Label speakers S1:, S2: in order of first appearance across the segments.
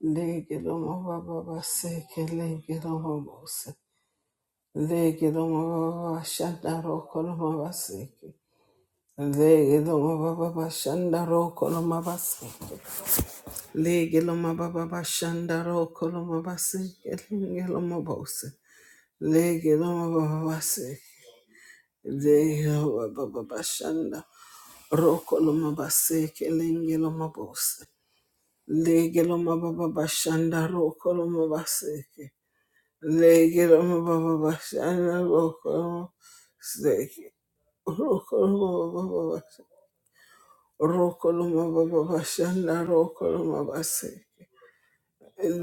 S1: Lege lomo baba baseke lege lomo bose. Lege lomo baba shanda roko lomo baseke. Lege lomo baba shanda roko lomo baseke. Lege lomo baba shanda roko lomo baseke lege lomo bose. Lege lomo baba baseke. Lege lomo baba bashanda roko lomo baseke lege lomo bose. Lege lomo baba shanda roko lomo baseke. Legelo mababa bashana rokolo seki rokolo mababa basha rokolo mababa bashana rokolo mabase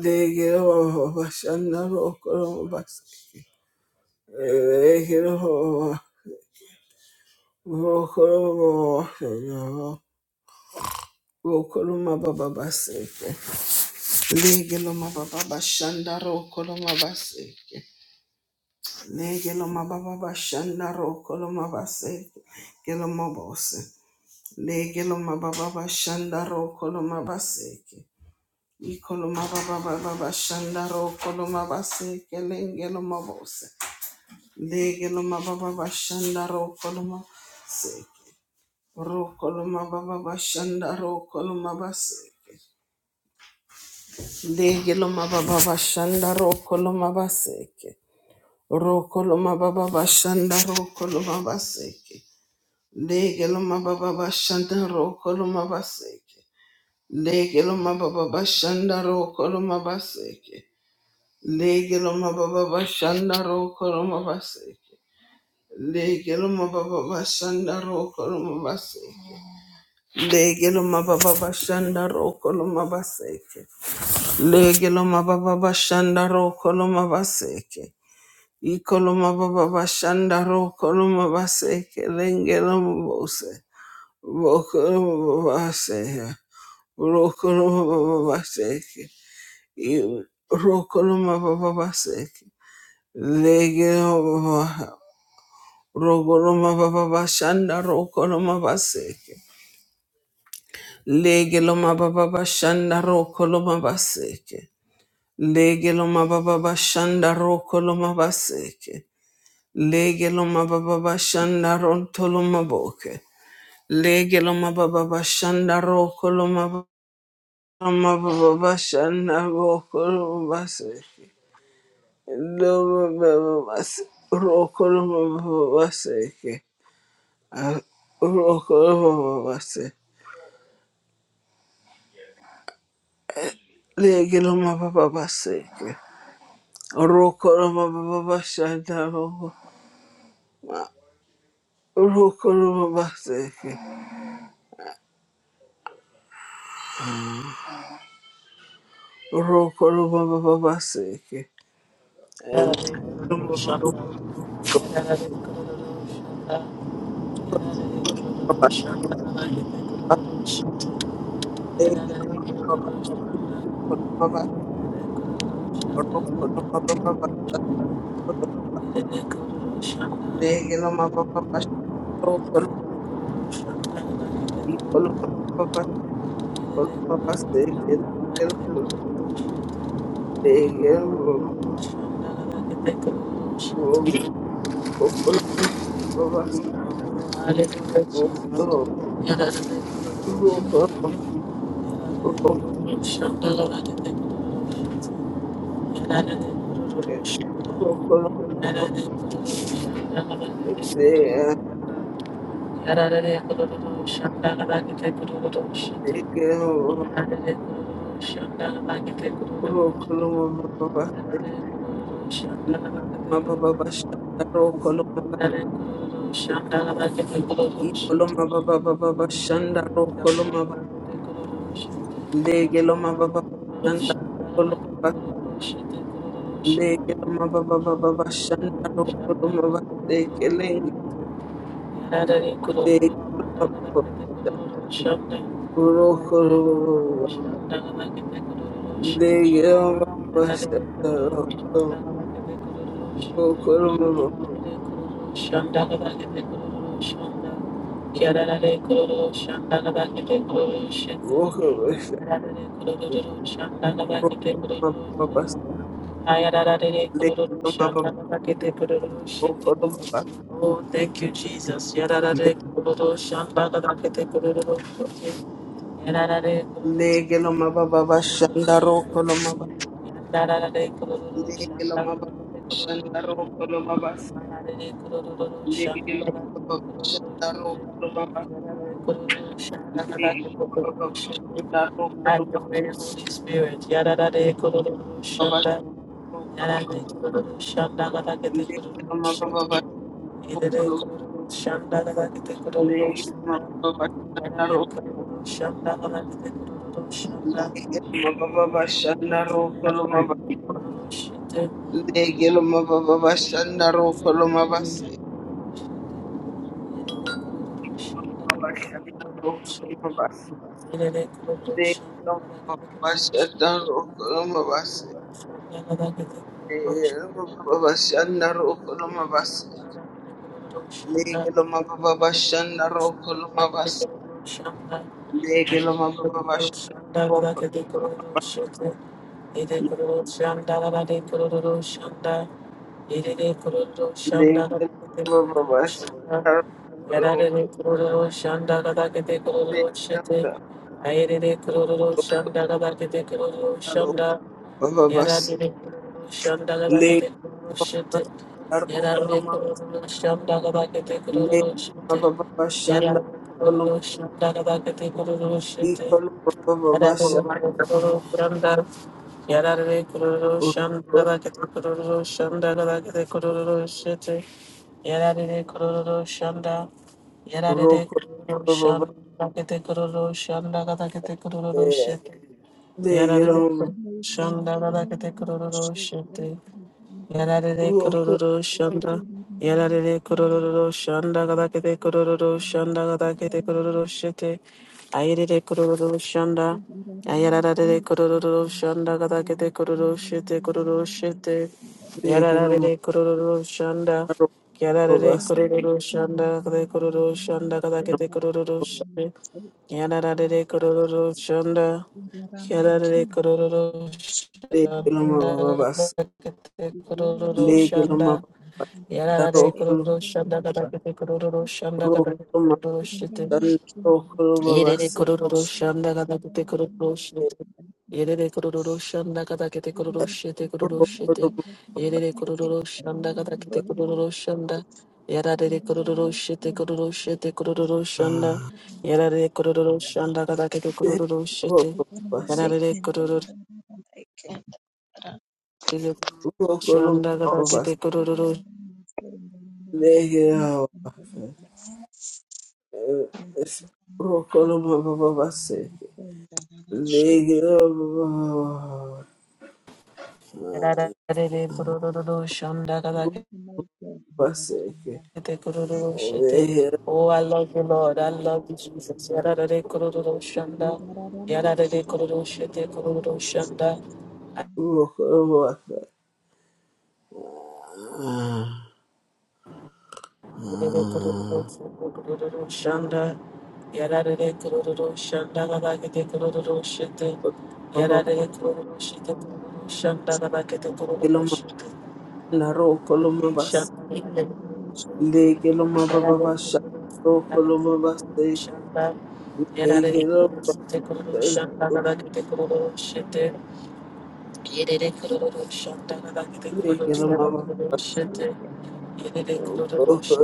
S1: legelo mababa bashana rokolo mabase legelo rokolo mababa rokolo mababa baseke legelo mababa bashana rokolo mabase Le geloma baba bashanda ro koloma base geloma bose. Le geloma baba bashanda ro koloma base. ke. I koloma baba baba bashanda ro koloma base kelen geloma bose. Le geloma baba bashanda ro koloma se. Ro koloma baba bashanda ro koloma base. ke. Le geloma baba bashanda ro koloma base. ke. Ro koloma baba bashanda ro koloma base. ke. Lege lo mababa bashanda roko lo mabaseke. Lege lo mababa bashanda roko lo mabaseke. Lege lo mababa bashanda roko lo mabaseke. Lege lo mababa bashanda roko lo mabaseke. Lege lo mababa bashanda roko lo mabaseke. Lege lo mababa bashanda roko lo mabaseke. Iko lo mababa bashanda roko lo mabaseke. Lenge lo mabose. Rokoromababaseke, rokoromababaseke, i- rokoromababaseke, legelomababa- rokoromababashanda, rokoromabaseke, legelomababashanda, rokoromabaseke, legelomababashanda, rokoromabaseke, legelomababashanda, rontolomaboke, legelomababashanda, rokoromabaseke, Amababashana bokorobaseke, dobababase, rokorobabaseke, rokorobabase, legelomababaseke, rokorobabashana rogo, rokorobabaseke, rokorobabaseke,
S2: Shandala
S1: legelomababaseke, Koloma baba baba baba shanda Ro koloma ba Rokoloma Legeloma baba baba bashanda rokoloma basekelenge legeloma baba rokoloma
S2: Shut
S1: legeloma bashanda rokoloma rokoloma baba legeloma baba rokoloma
S2: Oh, thank you, Jesus.
S1: legeloma
S2: Have
S1: baba bashanda rokoloma legeloma baba shanda rokoloma legeloma baba shanda rokoloma Legelo
S2: your way, Holy Spirit. Yadadade kururu shanda. Yadade kururu shanda gadagete kururu shanda. Yadade kururu shanda gadagete kururu shanda.
S1: mababa bashanda roko lomabase.
S2: Shanda Shanda
S1: Lege lo mama mama shoko. Lege lo mama mama se. Karo. Lege lo karo. Mama mama se. Lege lo karo kolo mama. mama shanda
S2: Yarare
S1: kolo.
S2: Shanda Gadakete Kururu Shete
S1: Iko lo mama mama
S2: Yara Guru
S1: shanda.
S2: Shandara
S1: Roko. Roko. Mama mama se. Lege lo mama.
S3: Thank you.
S2: Bhakti Guru Shete Yarare
S1: Roko.
S2: kururu shanda. Yarare kururu shanda gadakete kururu shanda gadakete kururu shete. Ayere kururu shanda. Ayarare kururu shanda gadakete kururu shete kururu shete.
S1: Lege lo mama.
S2: Yarare kururu shanda.
S1: Roko mama
S2: Yarare
S1: se.
S2: kururu shanda gadakete kururu shanda gadakete kururu shete. Yarare kururu shanda. Yarare kururu
S1: Lege lo mama mama se. Lege lo mama
S2: Shanda,
S1: mama.
S2: Yarare
S1: Roko.
S2: Kururu Shanda, Kadakete Kururu Shanda,
S1: Roko.
S2: Kadakete
S1: lo.
S2: Kururu
S3: Shake,
S2: Shite,
S1: Lege lo mababa
S2: Yere
S1: basha,
S2: Kururu Shanda, Kadakete Kururu Shite, Yere Kururu Shanda, Kadakete Kururu Shite, Kururu Shite, Yere Kururu Shanda, Kadakete Kururu Shanda, Yarare Kururu Shite, Kururu Shite, Kururu Shanda, Yarare Kururu Shanda, Kadakete Kururu Shite, Yarare Kururu Shonda gada kururu shadadadadede kururu shonda
S3: you
S2: gada
S3: know, my God,
S2: kururu shete. Oh, I love you, Lord. I love you, Jesus. Yadadade kururu
S3: Thank you.
S2: shonda. Yadadade kururu shete kururu shonda. Yadadade kururu shete kururu shonda. Yadadade kururu shonda gada kururu shete. Yadadade kururu shete kururu shonda gada kururu shete. Yadadade kururu shonda gada kururu shete.
S1: roko lo mabase,
S2: Shanda,
S1: Legelo mababa bashana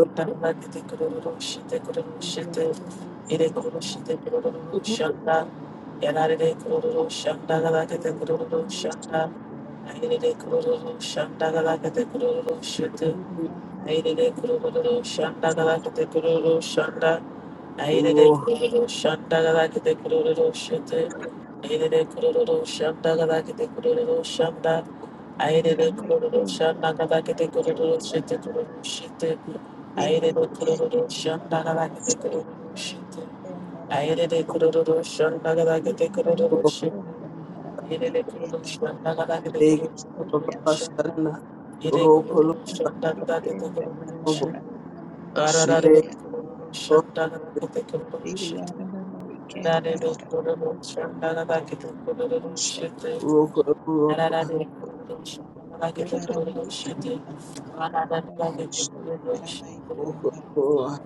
S2: Aire de kururu shanda galakete kururu shanda. Aire Aidede kururu shandagada kete kururu shete. Aire Aidede kururu shandagada kete kururu shanda. Aidede kururu shandagada kete kururu shete kururu shete. Aire Aidede kururu shandagada kete kururu shete. Aire Aidede kururu shandagada kete kururu shete. Aire Aidede kururu shandagada kete kururu shanda.
S3: Shake
S2: Aidede
S1: rokolo
S2: kururu shandagada kete kururu shete. Arararuru kururu shandagada kete kururu shete. Shanda
S3: Uraramayike ndararara uraramayishe yaramayike ndararara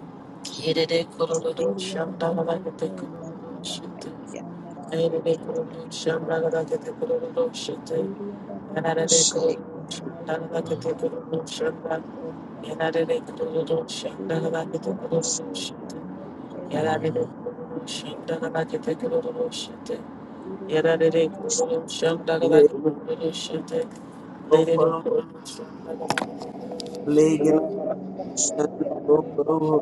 S3: iri yararamayike ndarararamayike ndaramayike ndararara iri yararamayishe yaramayike ndarararamayike ndararara iri yararamayishe yaramayike ndarararamayike ndararara iri
S2: Yarare
S3: yararamayishe
S2: kururu shanda gala
S3: yaramayike
S2: kururu shete.
S3: ndarararamayike
S2: Lere
S3: ndararara
S2: kururu shanda gala kururu shete.
S3: iri
S2: Lere
S3: yararamayishe
S2: shanda
S3: yaramayike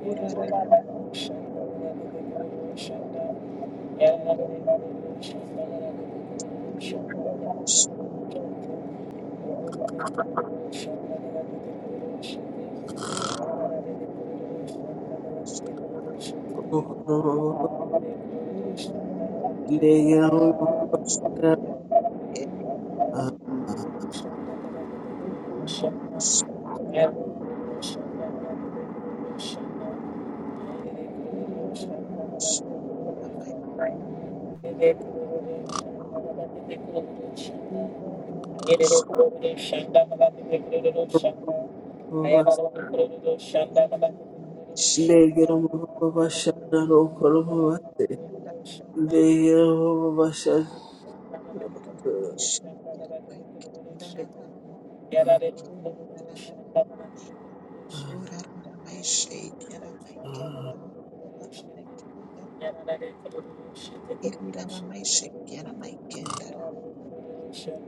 S3: Thank
S2: you. Thank you.
S3: Irarara
S1: mabase. Legelo mababa
S2: Shit.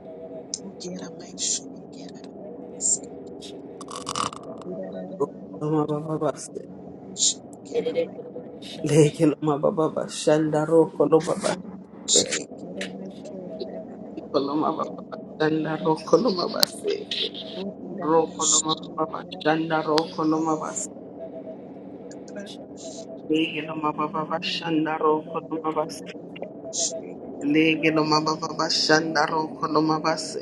S1: Loma baba base. Leke loma baba bashanda roko loma
S3: Oriririn
S1: base. Iko loma
S3: shekeremekendananaranteken
S1: baba bashanda
S3: dananana
S1: roko loma base. Roko loma baba bashanda roko loma base.
S3: orirameshekeremekendananana tatra
S1: Leke loma baba bashanda roko loma base.
S3: oraramekendananana
S1: Leke loma baba
S3: shekeremekendananana
S1: bashanda roko loma base.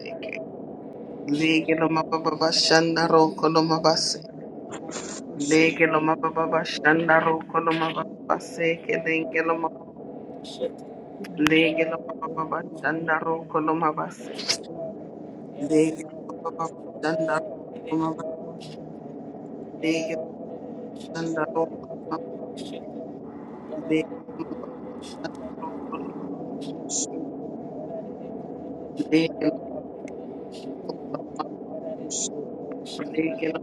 S1: Leke loma baba bashanda roko loma base.
S3: oraramekendananana
S1: Leke
S3: oraramekendananana
S1: loma baba bashanda roko loma base. Lege lo baba bashanda ro koloma base. Lege lo
S3: oraramekendananana
S1: baba bashanda ro koloma base. Lege bashanda ro koloma base. lege lo bashanda ro koloma
S3: Thank
S1: base. lege lo lege lo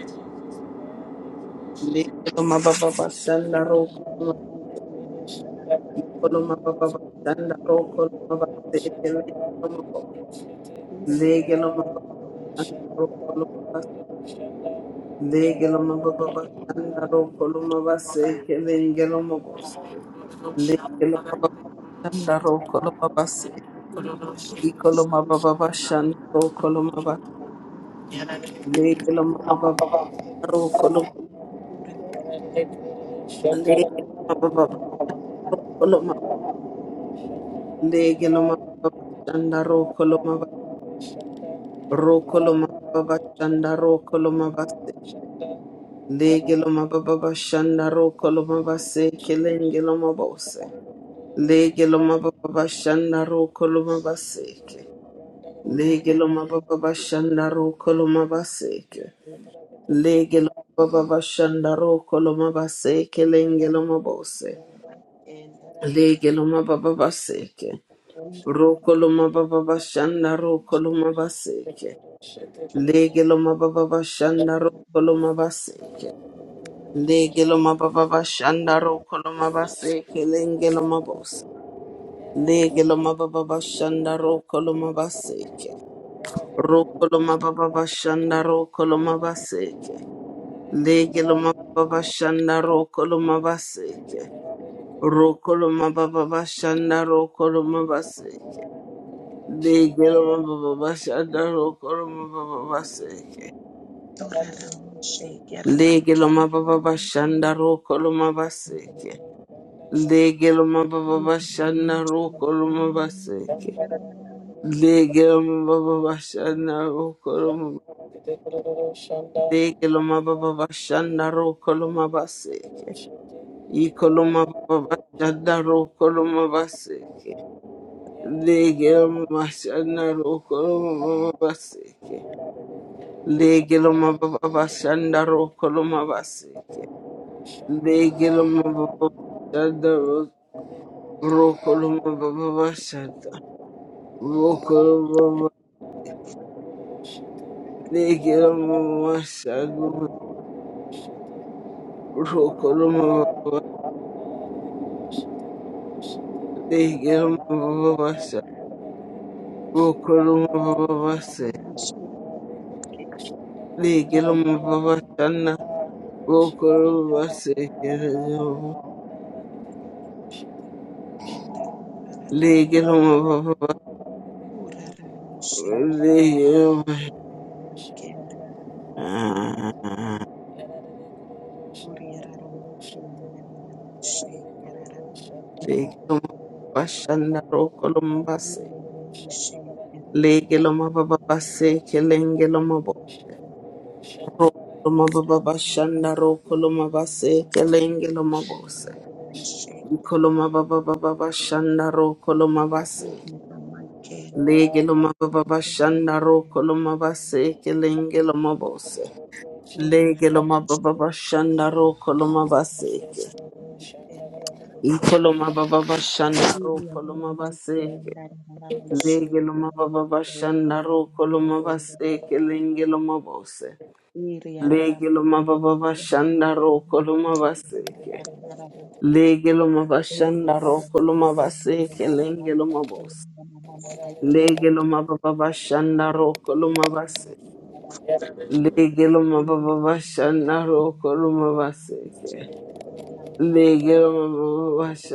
S2: Thank
S1: lege lo
S2: you.
S1: ma baba bashanda ro koloma koloma baba bashanda ro koloma base. Lege lo ma baba lege lo ma baba bashanda ro koloma base. Lege lo ma baba bashanda ro koloma base. Lege lo ma baba lege lo ma baba bashanda ro koloma base. Ikoloma baba bashan ro koloma ba legeloma baba ro koloma legeloma baba ro koloma legeloma baba shanda ro koloma ba ro koloma baba shanda ro koloma ba se legeloma baba bashanda ro koloma ba se kelengeloma ba se legeloma baba bashanda ro koloma ba se ke legeloma baba bashanda ro koloma ba se
S2: Shut
S1: Legelo baba shandaro koloma baseke lengeloma bose.
S3: you.
S1: Legeloma baba baseke.
S3: Urarara
S1: Rokoloma baba shandaro koloma baseke. Legeloma baba shandaro koloma baseke. Legeloma baba shandaro koloma baseke lengeloma bose. Legeloma baba shandaro koloma baseke. Rokoloma baba shandaro koloma Lege loma baba shanda roko loma baseke. Roko loma baba shanda roko loma baseke. Lege loma baba shanda roko loma baba baseke. Lege loma baba shanda roko loma baseke. Lege loma baba shanda roko loma baseke. Lege loma baba shanda roko loma Lege loma baba shanda roko loma baseke. Ikoloma babashanda rokoloma baseke. Legeloma bashanda rokoloma babaseke. Legeloma babashanda rokoloma baseke. Legeloma babashanda rokoloma babashanda. Rokoloma legeloma babashanda rokoloma babashanda. Legeloma babashanda rokoloma babaseke. Legeloma babashanda
S2: Shut
S1: Legelo mababa bashanda ro koloma base kelenge
S3: Ora my shake that I
S1: loma bose. Lege loma baba bashanda ro koloma baseke. Ikoloma baba bashanda ro
S3: Uri
S1: koloma baseke. Lege loma baba bashanda ro koloma baseke lenge loma bose. Lege loma baba bashanda ro koloma baseke. Lege loma bashanda ro
S3: Ukira
S1: koloma baseke lenge loma bose. Lege loma baba bashanda ro koloma baseke.
S2: Thank
S1: Lege loma baba bashanda ro koloma baseke. Legelo ma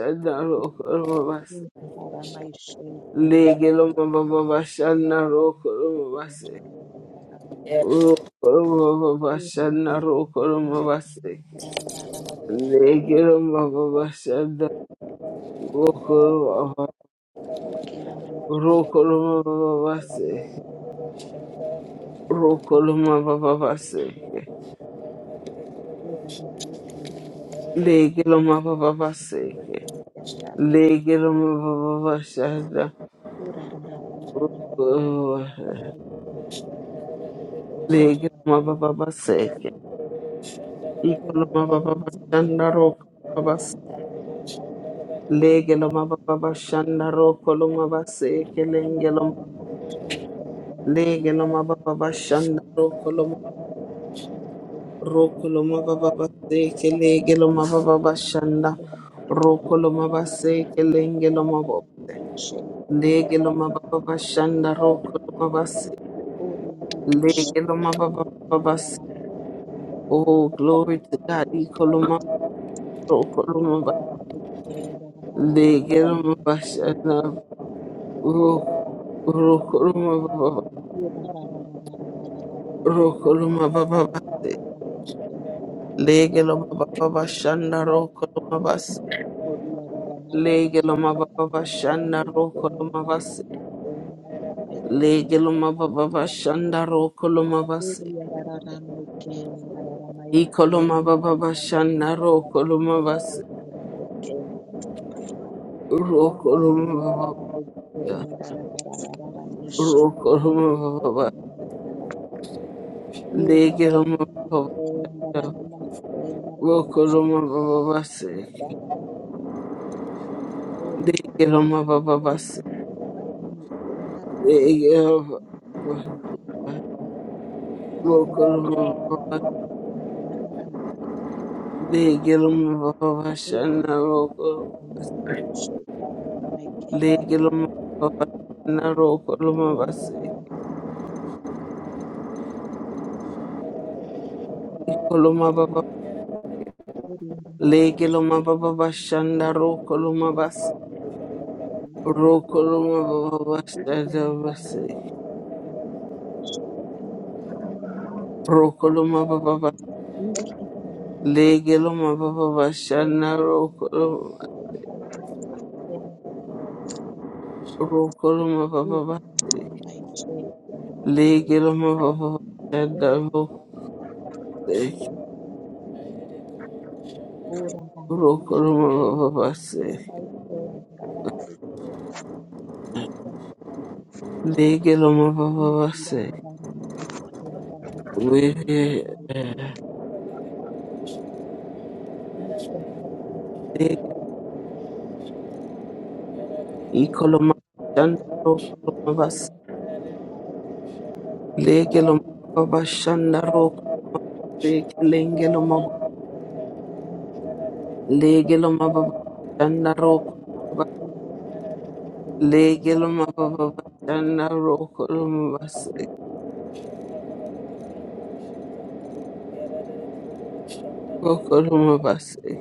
S3: Thank
S1: baba baseke, Ikoloma baba bashanda roko babas. Lege loma baba bashanda roko loma base kelenge loma Lege loma baba bashanda roko loma Roko loma baba base kelege loma baba bashanda. Roko loma lege lege lege loma baba bashanda roko loma base. lege Legelo Oh, glory to God. Ikoloma, roko loma base. lege loma legeloma,
S3: you.
S1: ro rokoloma baba
S3: Thank
S1: rokoloma baba base legeloma baba bashanda rokoloma base legeloma baba bashanda rokoloma base legeloma baba bashanda rokoloma base ikoloma baba bashanda rokoloma base
S3: you.
S1: rokoloma baba rokoloma baba
S3: Thank you.
S1: legeloma baba rokoloma baba base legeloma baba Bokuru Mababa, Legil Mababa Shana Rokolumabasi, Legil Mababa Shana Rokolumabasi, Ikolumababa, Legil Mababa Shana Rokolumabasi, Rokolumababa
S3: Thank
S1: Shana Basi, Rokolumababa, Legil Mababa Shana
S3: you.
S1: Rokolumababa, Legil Mababa Shana Rokolumabasi, Lokoloma baba basi, legeloma baba basi, wehe eh. ikoloma shandaro koloma basi, legeloma baba shandaro koloma basi, lengeloma legeloma baba shandaro koloma basi, legeloma baba shandaro koloma basi, koloma
S2: you.
S1: basi,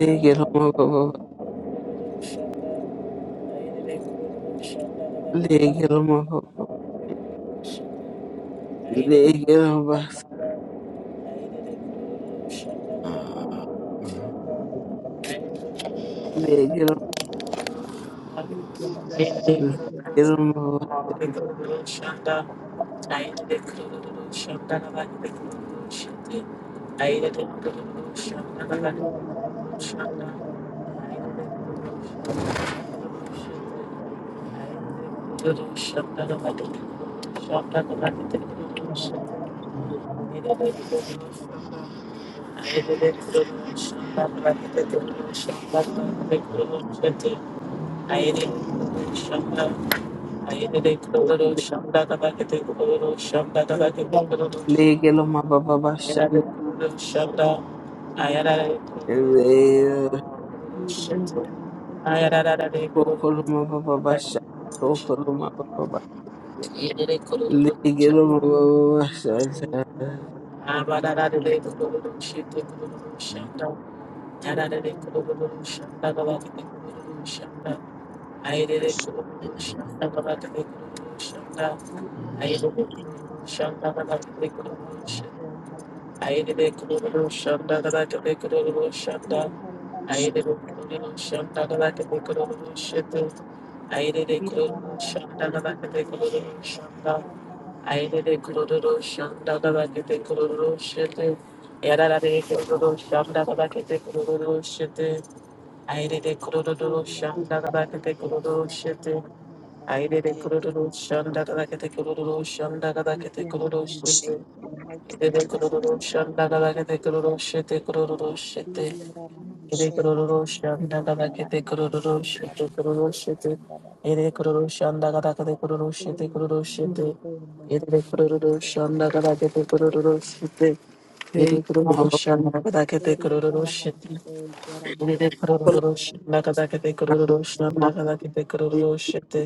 S1: legeloma baba legeloma baba legeloma basi.
S2: Shut
S1: Legelo Legeloma
S2: Shanda, I
S3: Thank
S2: did it. Aire
S3: you.
S2: shanda, aire de kururu shanda kada kete kururu shanda kada kete kururu
S1: Legeloma Baba
S2: shanda de
S1: Bashan
S2: kururu shanda, aire de kururu shanda, aire de kururu
S1: Rokoloma Baba Bashan
S2: shanda,
S1: Rokoloma Baba Bashan
S2: aire de kururu
S1: Legeloma
S2: shanda,
S1: Baba Bashan
S2: abada de kururu shanda kururu shanda, aire de kururu shanda kada kete kururu shanda, aire de kururu shanda kada kete kururu shanda.
S3: Thank
S2: I did a Aidede kururu shanda kada kete kururu shanda kada kete kururu shete. Aidede kururu shanda kada kete kururu shete kururu shete. Aidede kururu shanda kada kete kururu shete kururu shete. Aidede
S3: you.
S2: kururu shanda kada kete kururu
S3: Thank
S2: shete kururu shete. Aidede kururu shanda kada kete kururu shete. ide kururu shanda kada kete kururu shete. Aidede kururu shanda kada kete kururu shanda kada kete kururu shete.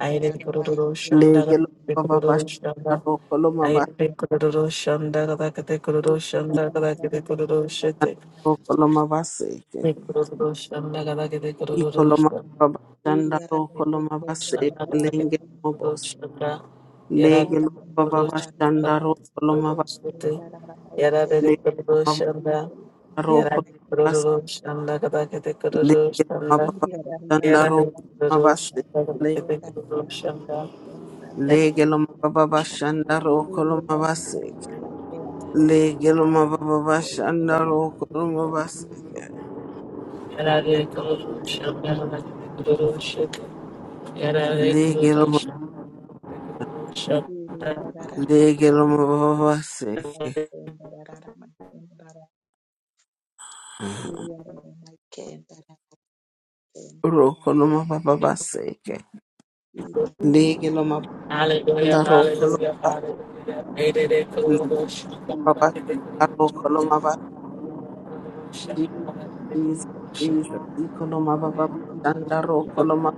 S2: Aire de kororo shanda ga
S1: Legeloma
S2: de
S1: Baba
S2: kororo
S1: Bashan
S2: shanda.
S1: Rokoloma
S2: Aire
S1: Bashan
S2: de kororo shanda ga da de kororo shanda ga da de kororo shete.
S1: Rokoloma Bashan
S2: De kororo shanda ga da de kororo
S1: Ikoloma
S2: shanda.
S1: Baba Bashan Rokoloma Bashan
S2: Shanda ga da de kororo
S1: Legeloma
S2: shanda. Yara de
S1: Lege lo baba
S2: kororo shanda
S1: bashanda roko lo maba
S2: kororo shete. Yara de de
S1: lege lo
S2: kororo
S1: maba
S2: shanda. Yara
S1: roko lo
S2: de
S1: mabas
S3: you.
S2: kororo shanda ga da de kororo
S1: lege lo maba
S3: Thank
S2: shanda.
S3: you.
S1: bashanda
S2: Yara de
S1: roko lo
S2: kororo shanda ga da
S1: mabas
S2: de kororo shanda.
S1: lege lo maba bashanda roko lo mabas lege lo maba bashanda roko lo mabas
S2: Yarare kururu shabdara kururu shaka. Yarare
S1: lege lo
S2: kururu
S1: ma-
S2: shabdara shabdara.
S1: lege lo maba baseke roko lo maba baseke lege lo maba bashanda
S2: Hallelujah,
S1: roko lo
S2: hallelujah,
S1: mabas
S2: hallelujah. Erere
S1: lege
S2: kururu
S1: lo
S2: shabdara
S1: maba bashanda
S2: kururu
S1: roko lo
S2: shaka.
S1: mabas
S2: Kururu shabdara
S1: Jesus,
S2: kururu
S1: Jesus,
S2: shaka.
S1: Ikoloma Baba Shanda Rokoloma,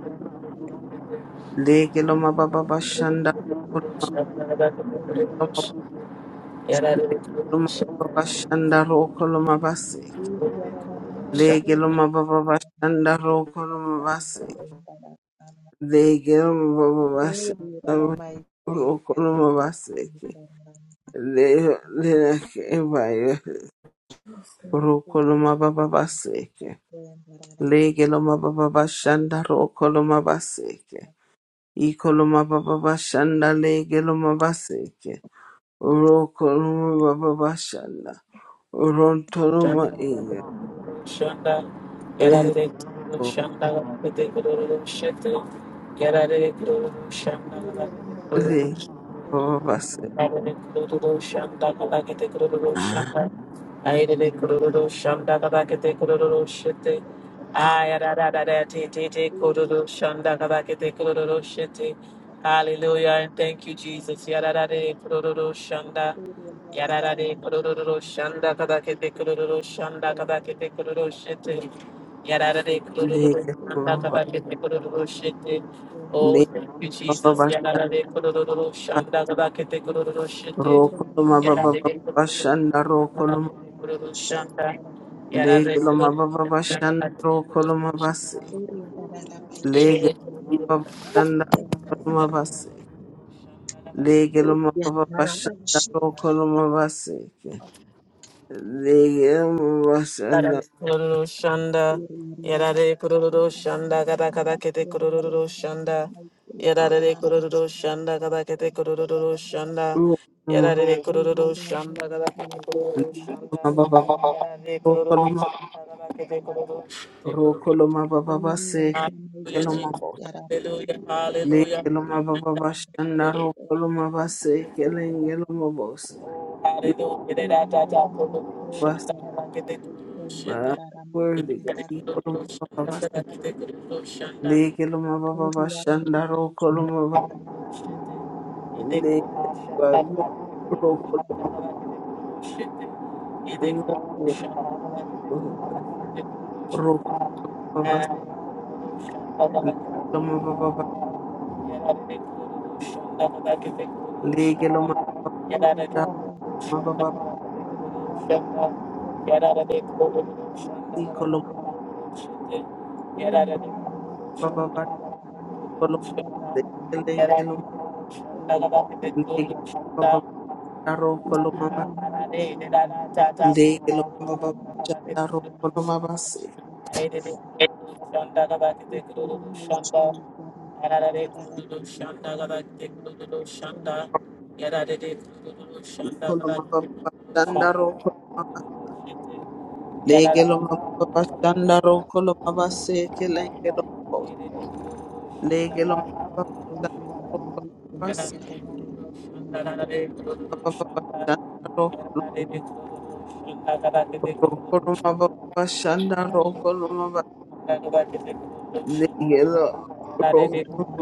S1: Legeloma Baba Shanda
S2: Kururu
S1: Rokoloma,
S2: shabdara kururu shaka. Yarare kururu
S1: Legeloma
S2: shabdara
S1: Baba Shanda Rokoloma Basik,
S2: shabdara.
S1: Legeloma Baba Shanda Rokoloma Basik, Legeloma Baba Shanda Rokoloma Basik, Legeloma Rokoloma Baba Basik, Legeloma Baba Shanda Rokoloma Basik, Ikoloma baba bashanda legeloma baseke. Urokoloma baba bashanda. Urontoloma inga.
S2: Shanda,
S1: Ego
S2: Yarare, Shanda, Pete, Guru, Shetu, Yarare, Guru, Shanda,
S1: lege
S2: Yarare,
S1: baba baseke.
S2: Guru, Shanda, Kalakete, Guru, Shanda, Aire, Guru, Shanda, Kalakete, Guru, Shete, Ayarada, Tete, Guru, Shanda, Kalakete, Guru, Shete, Hallelujah, and thank you, Jesus. Yarare, Guru, Shanda, Yararare kururu shanda kadakete kururu shanda kadakete kururu shete. Yararare kururu
S1: Lege
S2: shanda
S1: baba
S2: kadakete kururu shete. Oh,
S1: lege
S2: thank you,
S1: baba
S2: Jesus.
S1: bashanda.
S2: Yararare kururu shanda kadakete kururu shete.
S1: Rokoloma baba baba
S2: Yararare kururu
S1: bashanda
S2: shanda
S1: rokoloma.
S2: kadakete kururu
S3: Shake,
S2: shanda.
S3: that
S2: Yararare kururu
S1: Legeloma baba
S2: shanda
S1: bashanda
S2: kadakete kururu
S1: rokoloma baseke.
S2: shete.
S3: I
S1: Lege
S2: Yerere
S3: can.
S2: kururu
S1: baba bashanda rokoloma
S2: shanda kadakete
S1: baseke.
S2: kururu shanda.
S1: Legeloma baba bashanda rokoloma baseke. Liam was
S2: Kururu shanda, yarare kururu shanda, kada kada kete kururu shanda, yarare kururu shanda, kada kete kururu shanda,
S1: Liyamwasana
S2: yarare kururu shanda, kada kete kururu shanda,
S1: rokoloma baba
S2: yarare kururu
S1: rokoloma
S2: shanda, kada kete kururu shanda.
S1: rokoloma baba seke
S2: Hallelujah,
S1: keloma
S2: Jesus.
S1: bose
S2: Hallelujah, hallelujah,
S1: lekeloma baba bashana
S2: kururu,
S1: rokoloma base kelengeloma bose you
S2: hallelujah, Kete da da da, kururu
S1: was
S2: shanda, kada kete kururu shete,
S1: worthy God
S2: yarare
S1: lekeloma
S2: kururu
S3: Thank
S1: baba
S2: shanda,
S1: base
S2: kada kete kururu shanda.
S1: lekeloma baba bashana rokoloma base lekeloma rokoloma rokoloma base lekeloma baba
S3: you.
S1: lekeloma Mababa si koloma
S2: Shit yada.
S1: baba ba koloma de kelenge lo lege baba daro
S3: Thank
S1: koloma ba lege lo baba chandaro koloma ba se koloma baba chandaro koloma ba lege lo baba chandaro koloma ba se kelenge lo bo lege lo baba chandaro koloma ba se baba baba chandaro koloma baba chandaro koloma ba lege
S2: Thank
S1: lo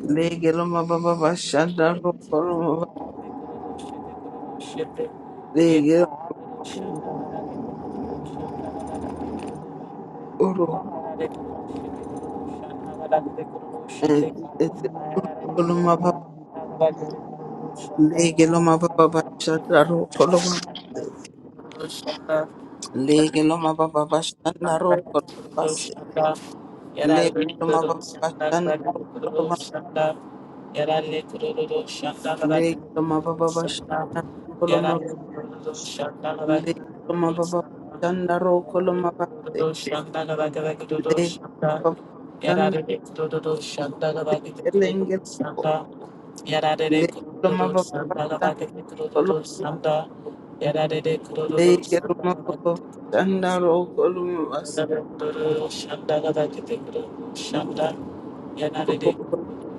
S1: Lege loma baba bashanda roko loma ba- lege oro eh, eh, roko loma baba lege loma baba bashanda roko loma
S2: Shut
S1: lege loma baba
S2: Yada
S1: bashanda roko base lege loma baba bashanda roko loma lege loma baba bashanda roko loma lege loma baba bashanda roko loma base lege loma baba bashanda lege loma baba bashanda Leke lumababa shanda roko lumabasa
S2: Duru Shanda gada kete kuru shanda yanare
S1: roko
S2: de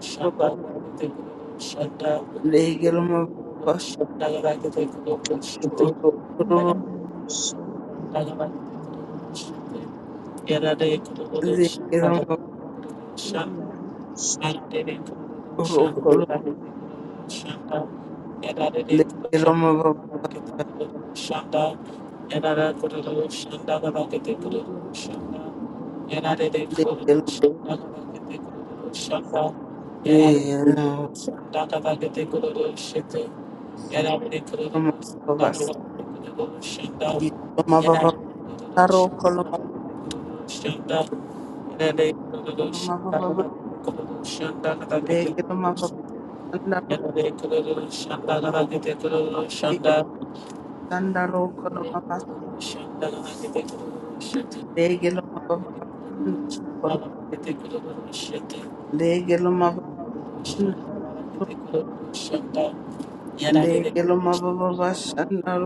S2: shanda
S1: lumababa
S2: kete kuru shanda
S1: leke lumababa
S2: shanda gada kete kuru shite
S1: roko
S3: Thank
S1: lumababa
S2: yanare gada kete kuru shite
S1: leke
S2: yanare kuru
S1: lumababa
S2: shanda shanda yanare de kuru
S1: roko lumababa
S2: shanda Shanda, Yarare,
S1: leke lumababa
S2: Shanda, Yarara, Kururu, Shanda, Rakete, Kururu, Shanda, Yarare, Kururu, Shanda, Rakete, Kururu, Shanda,
S1: leke
S2: Yarare,
S1: lumababa
S2: Shanda, Rakete, Kururu, Shete, Yarare, Kururu, Shanda,
S1: lumababa
S2: Rakete, Kururu, Shanda, Yarare, Kururu,
S1: roko lumababa
S2: Shanda, Rakete, Kururu, Shanda, Yarare, Kururu, Shanda,
S1: lumababa
S2: Rakete, Kururu, Shanda, Rakete, Kururu,
S1: leke
S2: Shanda,
S1: lumababa shanda
S2: Shanda,
S1: roko leke shanda roko lumababa leke lumababa shanda roko leke lumababa shanda roko leke lumababa shanda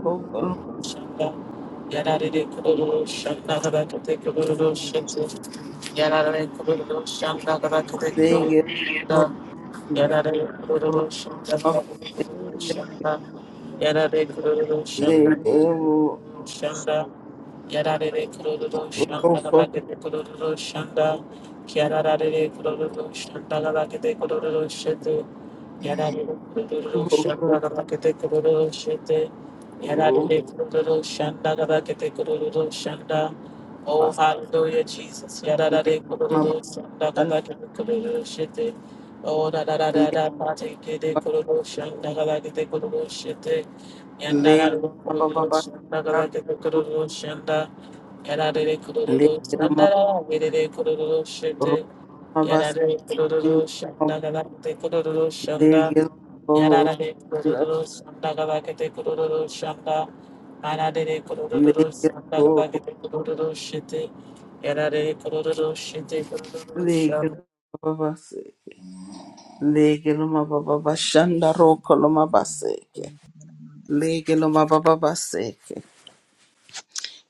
S1: Zege
S3: you.
S1: zege
S3: Amen.
S2: Yarare kururu shanda
S1: rokon
S2: labake de kururu shanda. Kiarare kururu shanda labake de kururu shete. Yarare kururu
S1: rokon
S2: shanda labake de kururu shete.
S1: rokas
S2: Yarare kururu shanda labake de kururu shanda. Oh, hallelujah, Jesus.
S1: le
S2: Yarare kururu
S1: mabadan
S2: shanda labake de kururu shete. Oh, da da da da
S1: le
S2: da, pate ke de kururu shanda labake de kururu shete. Yandara
S1: le
S2: kururu
S1: mababa
S2: shanda labake de kururu shanda. Yarare
S1: le
S2: kururu
S1: mab
S2: sandara verere kururu shete.
S1: romabas
S2: Yarare kururu shanda galakete kururu shanda.
S1: zege
S2: Yarare kururu sanda galakete kururu shanda. Anadere
S1: le
S2: kururu sanda galakete kururu shete. Yarare kururu shete kururu
S1: le
S2: shanda.
S1: mababas le mababa shanda rokon mabaseke le mababa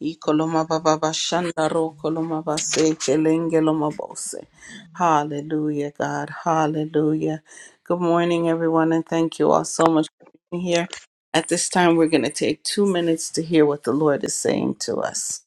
S1: Ikoloma baba bashanda ro koloma base kelenge loma bose. Hallelujah, God. Hallelujah. Good morning, everyone, and thank you all so much for being here. At this time, we're going to take two minutes to hear what the Lord is saying to us.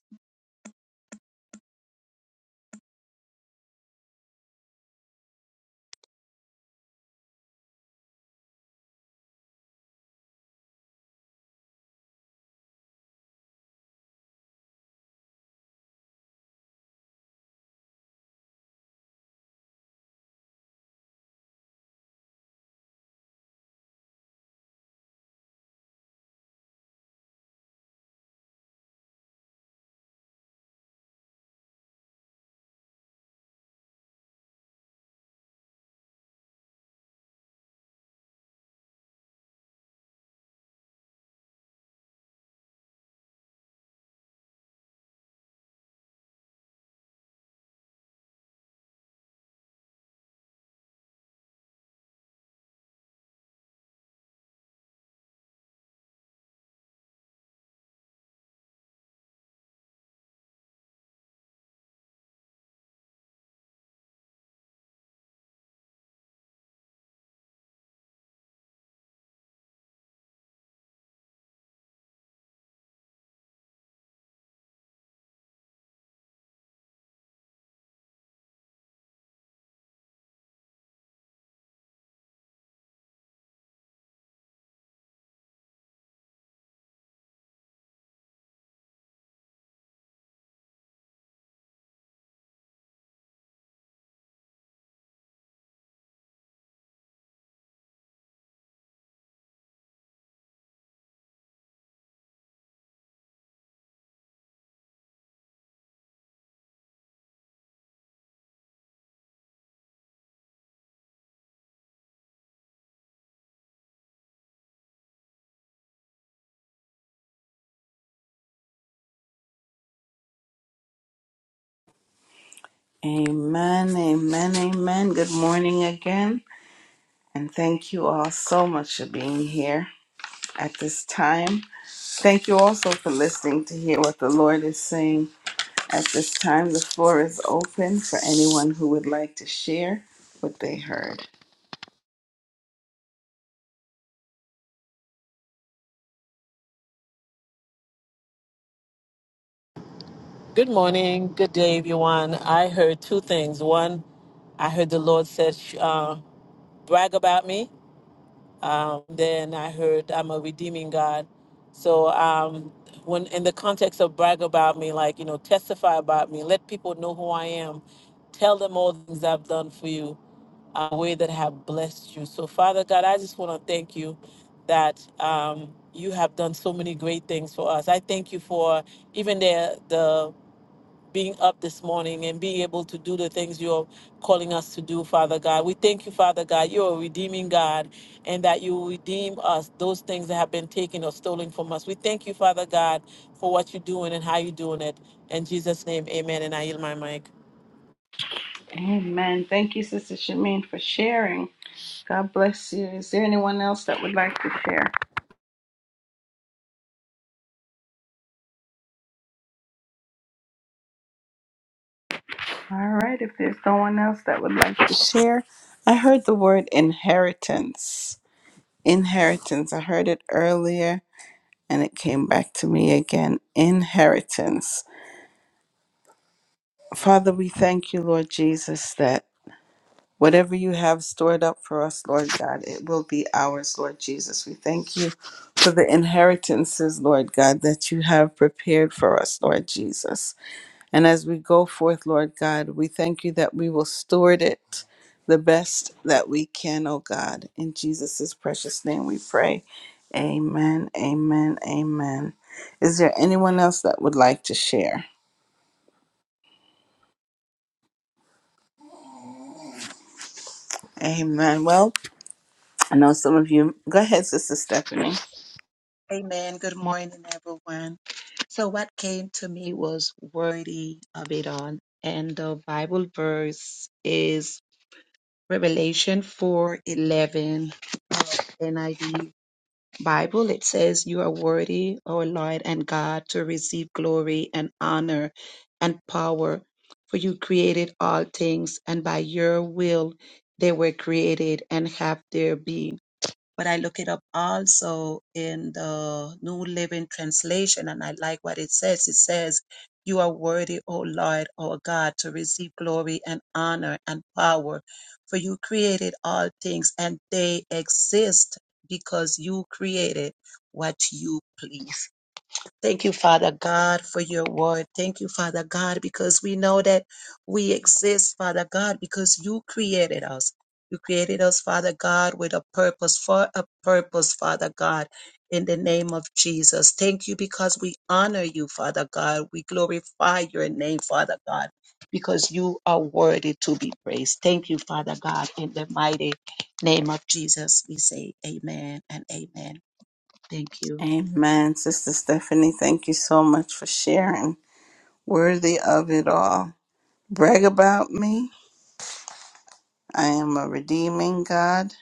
S1: Amen, amen, amen. Good morning again, and thank you all so much for being here at this time. Thank you also for listening to hear what the Lord is saying At this time, the floor is open for anyone who would like to share what they heard.
S2: Good morning, good day, everyone. I heard two things. One, I heard the Lord said, uh, brag about me. Um, then I heard I'm a redeeming God. So um, when in the context of brag about me, like you know, testify about me, let people know who I am, tell them all the things I've done for you, a way that I have blessed you. So Father God, I just want to thank you that um, you have done so many great things for us. I thank you for even the the being up this morning and being able to do the things you're calling us to do, Father God. We thank you, Father God. You're a redeeming God and that you will redeem us, those things that have been taken or stolen from us. We thank you, Father God, for what you're doing and how you're doing it. In Jesus' name, amen. And I yield my mic.
S1: Amen. Thank you, Sister Shamin, for sharing. God bless you. Is there anyone else that would like to share? All right, if there's no one else that would like to share, I heard the word inheritance. Inheritance. I heard it earlier and it came back to me again. Inheritance. Father, we thank you, Lord Jesus, that. Whatever you have stored up for us, Lord God, it will be ours, Lord Jesus. We thank you for the inheritances, Lord God, that you have prepared for us, Lord Jesus. And as we go forth, Lord God, we thank you that we will steward it the best that we can, oh God. In Jesus' precious name we pray. Amen, amen, amen. Is there anyone else that would like to share? Amen. Well, I know some of you. Go ahead, Sister Stephanie.
S3: Good morning, everyone. So, what came to me was worthy of it all, and the Bible verse is Revelation four eleven, 11, Bible, it says, You are worthy, O Lord and God, to receive glory and honor and power, for you created all things, and by your will they were created and have their being but I look it up also in the New Living Translation, and I like what it says. It says, You are worthy, O Lord, our God, to receive glory and honor and power, for you created all things, and they exist because you created what you please. Thank you, Father God, for your word. Thank you, Father God, because we know that we exist, Father God, because you created us. You created us, Father God, with a purpose, for a purpose, Father God, in the name of Jesus. Thank you because we honor you, Father God. We glorify your name, Father God, because you are worthy to be praised. Thank you, Father God, in the mighty name of Jesus. We say amen and amen. Thank you.
S1: Amen. Sister Stephanie, thank you so much for sharing. Worthy of it all. Brag about me. I am a redeeming God.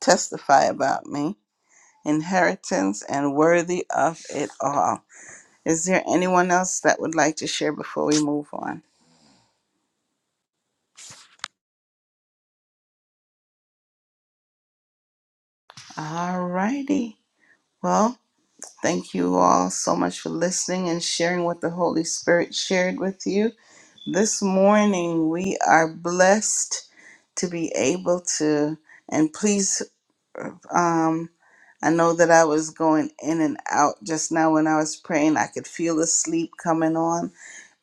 S1: Testify about me. Inheritance and worthy of it all. Is there anyone else that would like to share before we move on? All righty. Well, thank you all so much for listening and sharing what the Holy Spirit shared with you. This morning we are blessed to be able to and please um i know that i was going in and out just now when i was praying i could feel the sleep coming on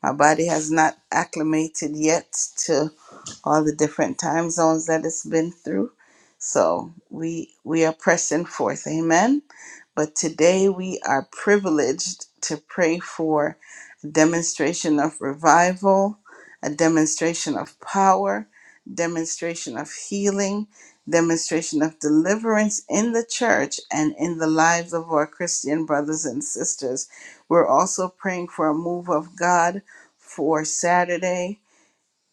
S1: my body has not acclimated yet all the different time zones that it's been through. So we we are pressing forth. Amen. But today we are privileged to pray for a demonstration of revival, a demonstration of power, demonstration of healing, demonstration of deliverance in the church and in the lives of our Christian brothers and sisters. We're also praying for a move of God for Saturday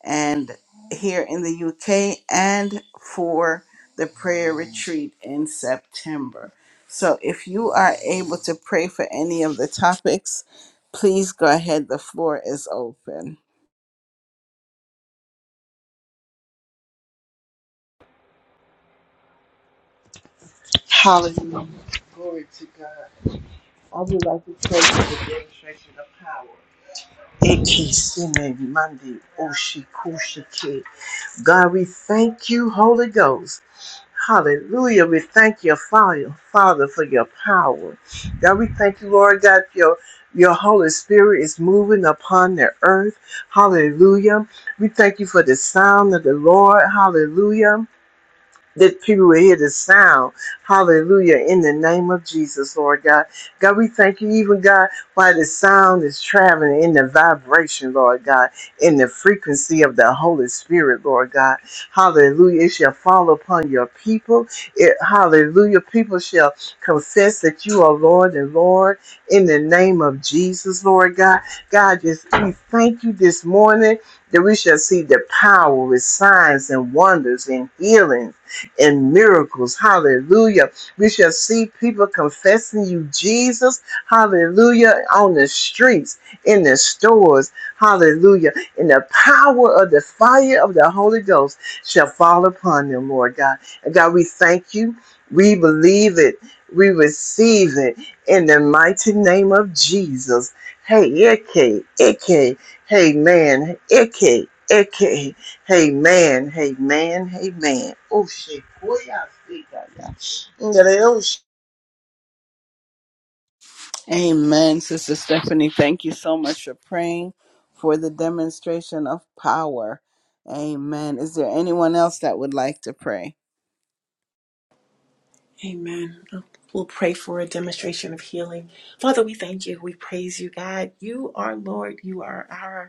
S1: and here in the UK and for the prayer retreat in September. So if you are able to pray for any of the topics, please go ahead. The floor is open.
S4: Hallelujah, God. I would like to pray for the demonstration of power. Eki sine mandi oshi kushi ki. God, we thank you, Holy Ghost. Hallelujah. We thank you, Father, Father, for your power. God, we thank you, Lord God, for your your Holy Spirit is moving upon the earth. Hallelujah. We thank you for the sound of the Lord. Hallelujah. that people will hear the sound. Hallelujah. In the name of Jesus, Lord God. God, we thank you, even God, why the sound is traveling in the vibration, Lord God, in the frequency of the Holy Spirit, Lord God. Hallelujah. It shall fall upon your people. It, hallelujah. People shall confess that you are Lord and Lord in the name of Jesus, Lord God. God, just we thank you this morning that we shall see the power with signs and wonders and healings and miracles. Hallelujah. We shall see people confessing you, Jesus. Hallelujah. On the streets, in the stores. Hallelujah. And the power of the fire of the Holy Ghost shall fall upon them, Lord God. And God, we thank you. We believe it. We receive it in the mighty name of Jesus. Hey, Ike, Ike. Hey, man, Ike, Ike. Hey hey man, hey man, hey man! Oh, shit. Boy, I see that. yeah. Yeah, they- Oh, shit.
S1: Amen. Sister Stephanie, thank you so much for praying for the demonstration of power. Amen. Is there anyone else that would like to pray?
S5: Amen. We'll pray for a demonstration of healing. Father, we thank you. We praise you, God. You are Lord. You are our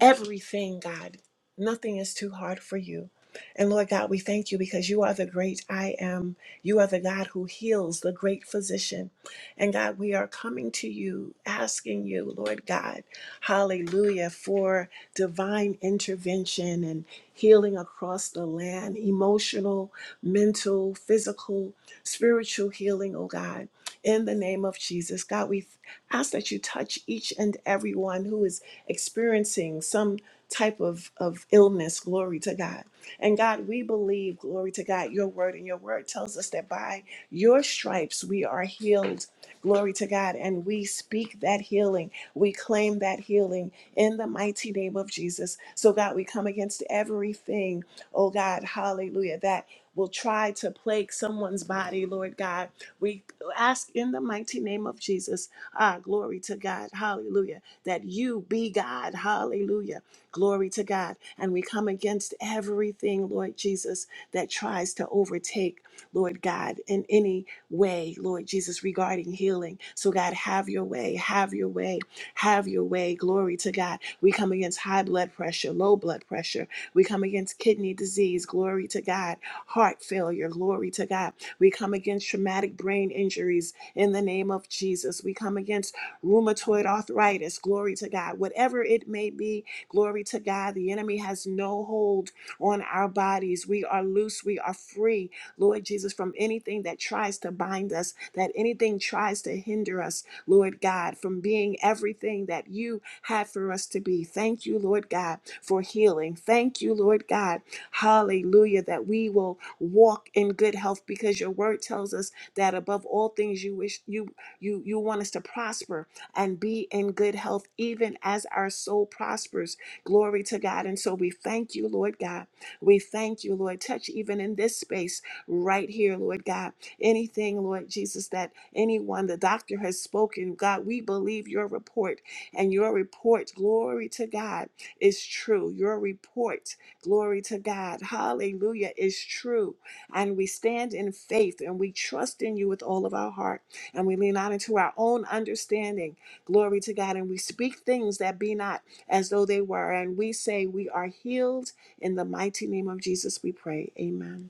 S5: everything, God. Nothing is too hard for you. And Lord God, we thank you because you are the great I am. You are the God who heals, the great physician. And God, we are coming to you, asking you, Lord God, hallelujah, for divine intervention and healing across the land, emotional, mental, physical, spiritual healing, oh God. In the name of Jesus, God, we ask that you touch each and everyone who is experiencing some type of, of illness, glory to God. And God, we believe, glory to God, your word and your word tells us that by your stripes we are healed. Glory to God. And we speak that healing. We claim that healing in the mighty name of Jesus. So, God, we come against everything, oh God, hallelujah, that will try to plague someone's body, Lord God. We ask in the mighty name of Jesus, ah, glory to God, hallelujah that you be God. Hallelujah. Glory to God. And we come against everything, Lord Jesus, that tries to overtake, Lord God, in any way, Lord Jesus, regarding healing. So, God, have your way, have your way, have your way. Glory to God. We come against high blood pressure, low blood pressure. We come against kidney disease. Glory to God. Heart failure. Glory to God. We come against traumatic brain injuries in the name of Jesus. We come against rheumatoid arthritis, glory to God. Whatever it may be, glory to God. The enemy has no hold on our bodies. We are loose, we are free, Lord Jesus, from anything that tries to bind us, that anything tries to hinder us, Lord God, from being everything that you have for us to be. Thank you, Lord God, for healing. Thank you, Lord God, hallelujah, that we will walk in good health because your word tells us that above all things you wish you you you want us to prosper and be in good health, even as our soul prospers. Glory to God. And so we thank you, Lord God. We thank you, Lord. Touch even in this space right here, Lord God. Anything, Lord Jesus, that anyone, the doctor has spoken, God, we believe your report and your report, glory to God, is true. Your report, glory to God, hallelujah, is true. And we stand in faith and we trust in you with all of our heart. And we lean not into our own understanding, glory to God. And we speak things that be not as though they were. And we say, We are healed in the mighty name of Jesus, we pray. Amen.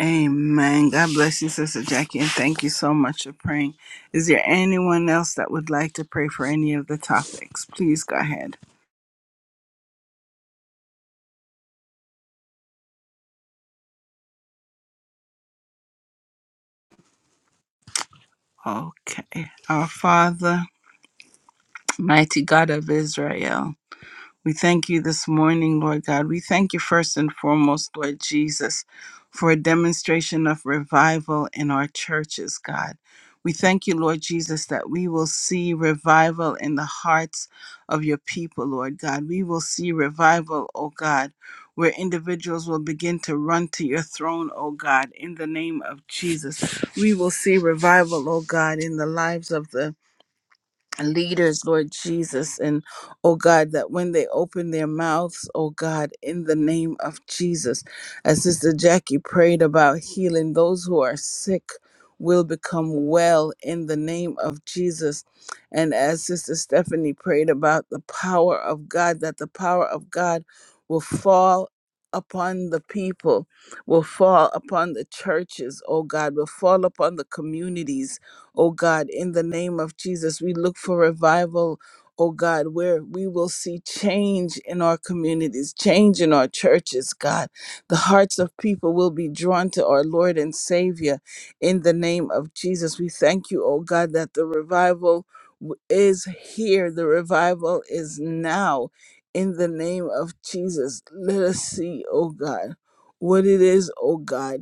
S1: Amen. God bless you, Sister Jackie, and thank you so much for praying. Is there anyone else that would like to pray for any of the topics? Please go ahead. Okay. Our Father, mighty God of Israel. We thank you this morning, Lord God. We thank you first and foremost, Lord Jesus, for a demonstration of revival in our churches, God. We thank you, Lord Jesus, that we will see revival in the hearts of your people, Lord God. We will see revival, oh God, where individuals will begin to run to your throne, oh God, in the name of Jesus. We will see revival, oh God, in the lives of the leaders, Lord Jesus, and oh God, that when they open their mouths, oh God, in the name of Jesus, as Sister Jackie prayed about healing, those who are sick will become well in the name of Jesus. And as Sister Stephanie prayed about the power of God, that the power of God will fall. Upon the people, will fall upon the churches, oh God, will fall upon the communities, oh God, in the name of Jesus. We look for revival, oh God, where we will see change in our communities, change in our churches, God. The hearts of people will be drawn to our Lord and Savior in the name of Jesus. We thank you, oh God, that the revival w- is here, the revival is now. In the name of Jesus, let us see, oh God, what it is, oh God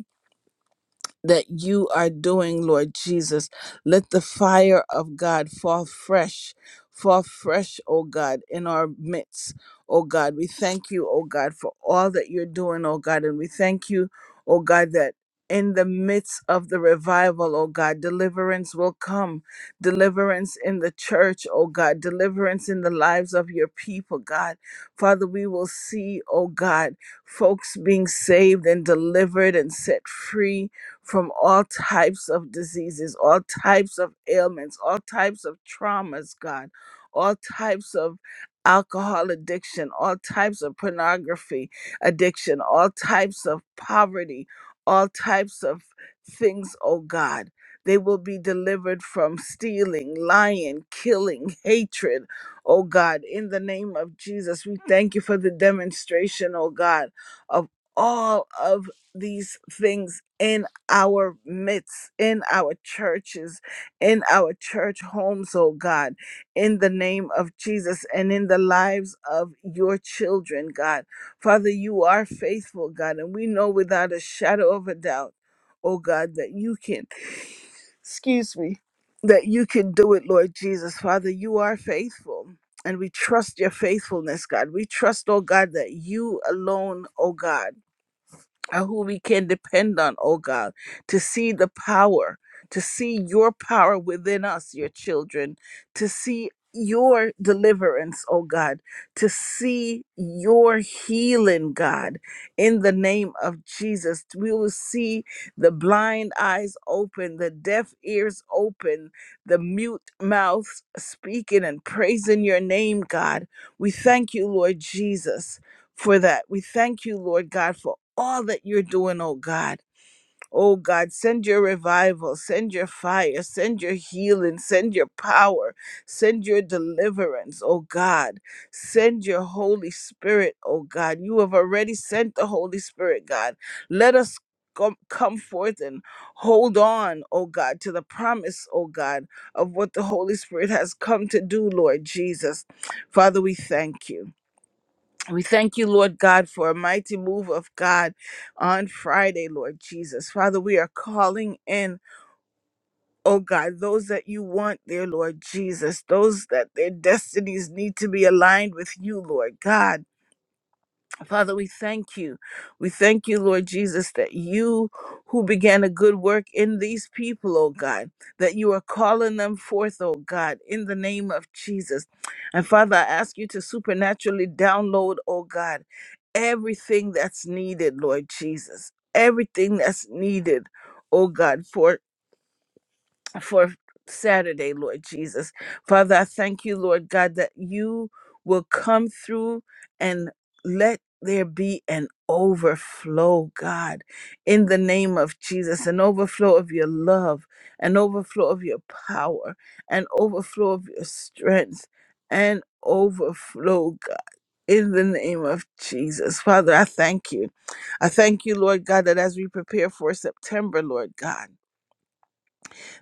S1: that you are doing, Lord Jesus. Let the fire of God fall fresh, fall fresh, oh God, in our midst, oh God. We thank you, oh God, for all that you're doing, oh God. And we thank you, oh God, that in the midst of the revival, oh God, deliverance will come. Deliverance in the church, oh God. Deliverance in the lives of your people, God. Father, we will see, oh God, folks being saved and delivered and set free from all types of diseases, all types of ailments, all types of traumas, God, all types of alcohol addiction, all types of pornography addiction, all types of poverty, all types of things, oh God. They will be delivered from stealing, lying, killing, hatred, oh God. In the name of Jesus, we thank you for the demonstration, oh God, of all of these things in our midst, in our churches, in our church homes, oh God, in the name of Jesus and in the lives of your children, God. Father, you are faithful, God, and we know without a shadow of a doubt, oh God, that you can, excuse me, that you can do it, Lord Jesus. Father, you are faithful. And we trust your faithfulness, God. We trust, oh God, that you alone, oh God are who we can depend on, oh God, to see the power, to see your power within us, your children, to see your deliverance, oh God, to see your healing, God, in the name of Jesus. We will see the blind eyes open, the deaf ears open, the mute mouths speaking and praising your name, God. We thank you, Lord Jesus for that. We thank you, Lord God, for all that you're doing, oh God. Oh God, send your revival, send your fire, send your healing, send your power, send your deliverance, oh God. Send your Holy Spirit, oh God. You have already sent the Holy Spirit, God. Let us com- come forth and hold on, oh God, to the promise, oh God, of what the Holy Spirit has come to do, Lord Jesus. Father, we thank you. We thank you, Lord God, for a mighty move of God on Friday, Lord Jesus. Father, we are calling in, oh God, those that you want there, Lord Jesus, those that their destinies need to be aligned with you, Lord God. Father, we thank you. We thank you, Lord Jesus, that you who began a good work in these people, oh God, that you are calling them forth, oh God, in the name of Jesus. And Father, I ask you to supernaturally download, oh God, everything that's needed, Lord Jesus, everything that's needed, oh God, for for Saturday, Lord Jesus. Father, I thank you, Lord God, that you will come through and let there be an overflow, God, in the name of Jesus, an overflow of your love, an overflow of your power, an overflow of your strength, an overflow, God. In the name of Jesus. Father, I thank you. I thank you, Lord God, that as we prepare for September, Lord God,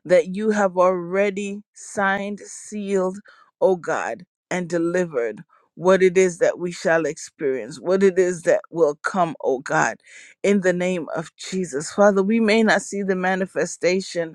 S1: that you have already signed, sealed, oh God, and delivered what it is that we shall experience, what it is that will come, oh God, in the name of Jesus. Father, we may not see the manifestation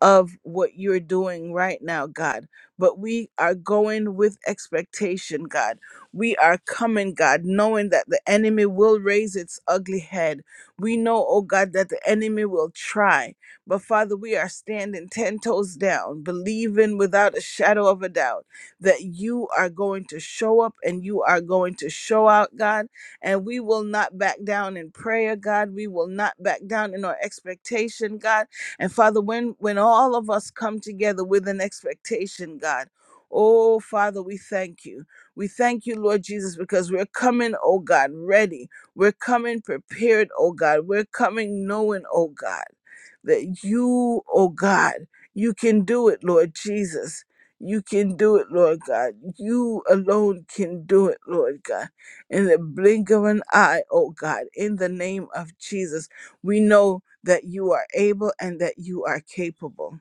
S1: of what you're doing right now, God. But we are going with expectation, God. We are coming, God, knowing that the enemy will raise its ugly head. We know, oh God, that the enemy will try. But Father, we are standing 10 toes down, believing without a shadow of a doubt that you are going to show up and you are going to show out, God. And we will not back down in prayer, God. We will not back down in our expectation, God and Father, when when all of us come together with an expectation, God, oh Father, we thank you. We thank you, Lord Jesus, because we're coming, oh God, ready. We're coming prepared, oh God. We're coming knowing, oh God, that you, oh God, you can do it, Lord Jesus. You can do it, Lord God. You alone can do it, Lord God. In the blink of an eye, oh God, in the name of Jesus. We know that you are able and that you are capable.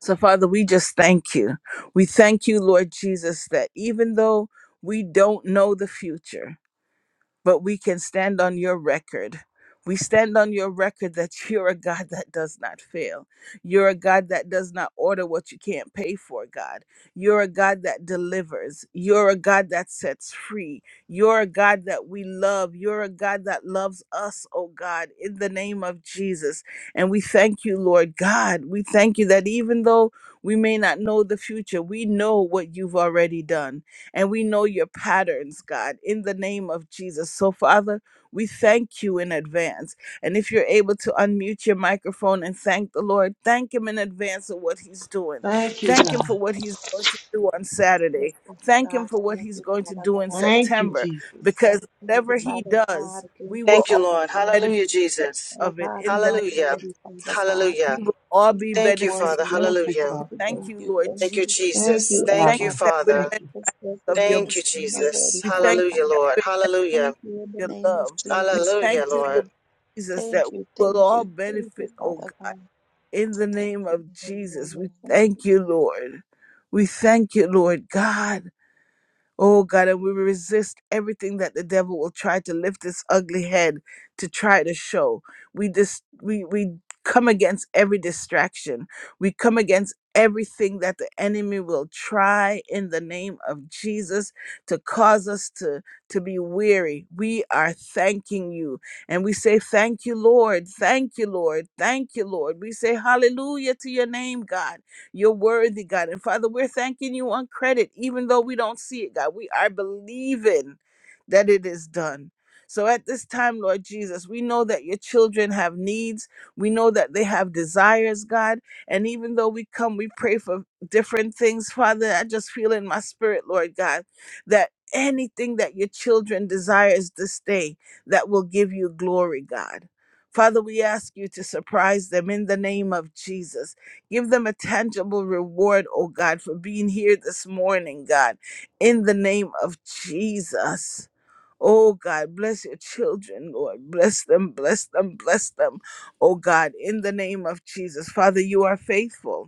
S1: So, Father, we just thank you. We thank you, Lord Jesus, that even though we don't know the future, but we can stand on your record. We stand on your record that you're a God that does not fail. You're a God that does not order what you can't pay for, God. You're a God that delivers. You're a God that sets free. You're a God that we love. You're a God that loves us, oh God, in the name of Jesus. And we thank you, Lord God. We thank you that even though we may not know the future, we know what you've already done and we know your patterns, God, in the name of Jesus. So, Father, we thank you in advance. And if you're able to unmute your microphone and thank the Lord, thank Him in advance of what He's doing.
S4: Thank you,
S1: Thank Him for
S4: God.
S1: what He's going to do on
S3: Yes,
S1: Saturday.
S3: Father
S1: Thank Him
S3: God,
S1: for what
S3: thank
S1: He's
S3: you,
S1: going to
S3: Father
S1: do in
S3: God, thank
S4: Thank you,
S3: you,
S1: September,
S4: Jesus.
S1: because
S3: thank you,
S1: whatever He
S3: Father God,
S1: does,
S3: thank
S1: we
S3: you,
S1: will
S6: Thank
S1: all
S6: you,
S3: Father
S6: Lord.
S3: God.
S1: benefit
S6: Hallelujah, Jesus.
S3: Father
S1: of it
S3: God,
S1: in
S3: you
S1: the
S3: are
S1: name
S6: Hallelujah.
S1: of
S3: worthy, Father
S1: Jesus.
S3: God.
S6: Hallelujah.
S1: We will all
S3: You
S1: be
S3: are
S6: Thank you,
S1: beneficiaries.
S6: Father.
S3: worthy, Father
S4: Thank you,
S1: So
S6: Hallelujah.
S1: we
S3: God.
S4: Father God.
S1: thank
S3: Thank
S1: you,
S3: you,
S1: Lord
S3: thank
S6: Thank
S1: Jesus.
S6: you,
S3: you,
S4: Thank
S6: Jesus.
S4: you,
S1: We
S3: thank you,
S6: Thank
S1: thank
S6: you,
S1: you
S4: Abba.
S3: Father
S1: that we're
S3: God,
S6: Father.
S4: Thank you,
S1: members
S3: because
S1: of your.
S3: everything
S6: Thank you,
S3: is done
S6: Jesus.
S3: already,
S1: We
S3: Father
S1: thank
S6: Hallelujah,
S3: God.
S6: Lord.
S1: you.
S6: Hallelujah.
S3: Thank you in the
S1: your
S3: name of
S1: love. We
S3: Jesus,
S6: Hallelujah,
S1: thank
S3: Father
S1: you, Lord
S6: Lord.
S3: God.
S1: Jesus, that
S3: Thank
S1: we
S3: you,
S1: will
S3: thank
S1: all
S3: you, thank you,
S1: benefit, oh
S3: Father
S1: God.
S3: God.
S1: In the
S3: Thank
S1: name
S3: you,
S1: of Jesus,
S3: hallelujah,
S1: we
S3: thank you,
S1: thank you, Lord. We thank you, Lord God. Oh God, and we resist everything that the devil will try to lift this ugly head to try to show. We dis- we we come against every distraction. We come against everything that the enemy will try in the name of Jesus to cause us to to be weary. We are thanking you and we say thank you Lord. Thank you Lord. Thank you Lord. We say hallelujah to your name God. You're worthy, God. And Father, we're thanking you on credit, even though we don't see it, God. We are believing that it is done. So at this time, Lord Jesus, we know that your children have needs. We know that they have desires, God. And even though we come, we pray for different things, Father. I just feel in my spirit, Lord God, that anything that your children desires this day that will give you glory, God. Father, we ask you to surprise them in the name of Jesus Give them a tangible reward, oh God, for being here this morning, God, in the name of Jesus. Oh God, bless your children, Lord. Bless them, bless them, bless them. Oh God, in the name of Jesus. Father, you are faithful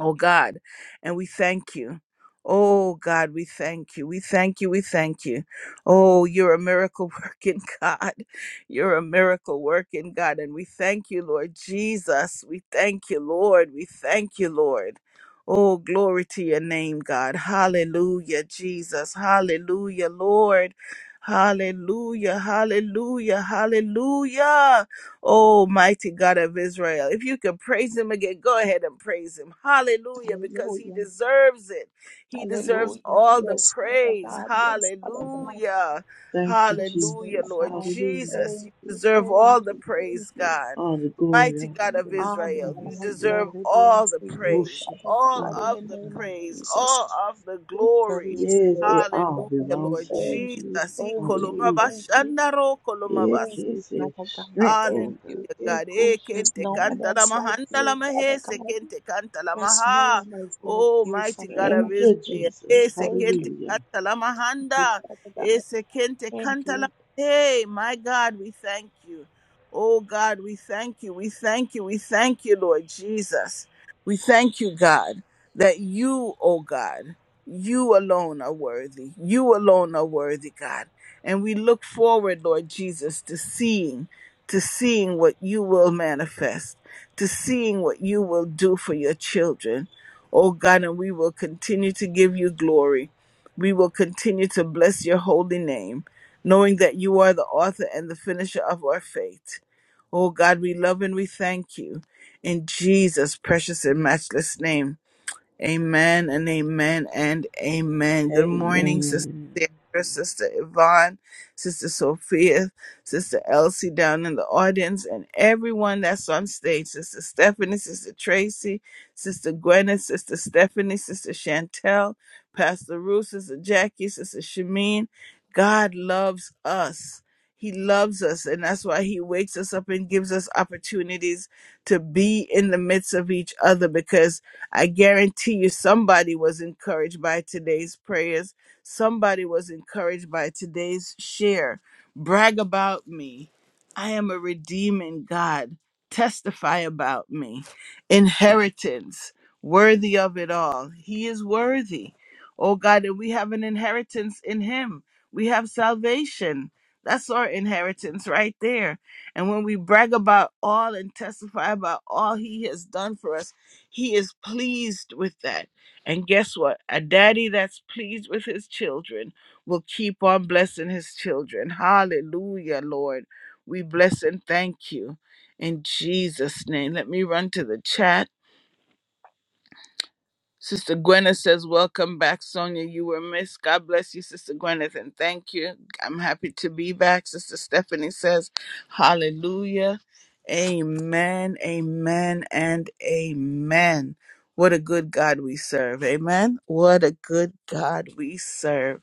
S1: oh God, and we thank you. Oh God, we thank you. We thank you. We thank you. Oh, you're a miracle working God. You're a miracle working God. And we thank you, Lord Jesus. We thank you, Lord. We thank you, Lord. Oh, glory to your name, God. Hallelujah, Jesus. Hallelujah, Lord. Hallelujah. Hallelujah. Hallelujah. Oh, mighty God of Israel, if you can praise him again, go ahead and praise him. Hallelujah, because he
S3: hallelujah,
S1: deserves it. He deserves
S3: hallelujah.
S1: all the
S3: Yes, Father
S1: praise.
S3: God, yes, Father
S4: Father.
S3: God.
S1: Hallelujah.
S4: Thank you,
S3: Yes, Father
S1: Hallelujah,
S4: Jesus.
S1: Lord
S3: God.
S4: Hallelujah.
S1: Jesus. You
S3: Thank you,
S1: deserve all
S3: thank
S1: the
S3: you, thank
S1: praise,
S3: you.
S1: God.
S4: All the glory,
S1: Mighty
S4: all
S1: God
S4: the
S1: of
S4: praise
S3: Honor and
S1: Israel, you
S4: belongs to
S3: all
S4: you.
S1: deserve
S3: glory
S1: all
S3: belongs
S1: the
S3: to you,
S1: praise,
S4: Moshe,
S3: Father
S1: all
S3: God,
S4: glory
S3: in the
S1: of
S4: to
S1: the
S4: God.
S3: name of
S1: praise,
S3: Jesus.
S1: all of the
S3: Victory
S1: glory.
S3: is
S4: Yes,
S3: yours,
S4: it
S1: Hallelujah,
S4: all
S3: Father God.
S1: Lord
S4: belongs to you,
S3: Thank you,
S4: Jesus.
S1: Jesus.
S3: thank you,
S4: Hallelujah.
S3: thank you,
S1: Ikolomabashandaro
S4: Yeah,
S3: thank
S1: kolomabas.
S3: you,
S4: kiss it.
S3: Father God.
S4: Strength,
S3: Thank
S4: Lord God.
S3: you.
S1: Hallelujah, God.
S4: Echo
S1: Eh,
S3: There's
S1: kente
S3: no
S4: Shatana.
S3: one
S1: kanta la
S3: else like
S1: mahanda la
S3: you, Father
S1: he, se
S3: God.
S1: kente kanta la
S3: There's no
S1: ha.
S3: one else like
S1: Oh,
S3: you,
S1: mighty
S3: Father
S1: God of
S3: God.
S4: Thank
S1: Israel.
S4: you,
S3: Thank you,
S4: Jesus.
S1: Eh, se
S3: thank
S1: kente
S3: you, thank
S4: Hallelujah.
S1: kanta la
S3: you,
S1: mahanda!
S3: Father
S1: Eh,
S3: God.
S1: se kente
S3: Thank
S1: kanta la
S3: you.
S1: he. My God, we thank you. Oh, God, we thank you. We thank you. We thank you, Lord Jesus. We thank you, God, that you, oh God, you alone are worthy. You alone are worthy, God. And we look forward, Lord Jesus, to seeing to seeing what you will manifest, to seeing what you will do for your children. Oh God, and we will continue to give you glory. We will continue to bless your holy name, knowing that you are the author and the finisher of our faith. Oh God, we love and we thank you. In Jesus' precious and matchless name. Amen and amen and amen. Good morning, Sister
S4: Amen.
S1: Sarah, Sister Yvonne, Sister Sophia, Sister Elsie down in the audience, and everyone that's on stage Sister Stephanie, Sister Tracy, Sister Gwyneth, Sister Stephanie, Sister Chantel, Pastor Ruth, Sister Jackie, Sister Shameen. God loves us. He loves us, and that's why He wakes us up and gives us opportunities to be in the midst of each other because I guarantee you somebody was encouraged by today's prayers. Somebody was encouraged by today's share brag about me. I am a redeeming God. Testify about me. Inheritance, worthy of it all. He is worthy. Oh God, and we have an inheritance in Him. We have salvation. That's our inheritance right there. And when we brag about all and testify about all He has done for us, He is pleased with that. And guess what? A daddy that's pleased with his children will keep on blessing his children. Hallelujah, Lord. We bless and thank you in Jesus' name. Let me run to the chat. Sister Gwyneth says, Welcome back, Sonia. You were missed. God bless you, Sister Gwyneth, and thank you. I'm happy to be back. Sister Stephanie says, Hallelujah. Amen, amen, and amen. What a good God we serve. Amen. What a good God we serve.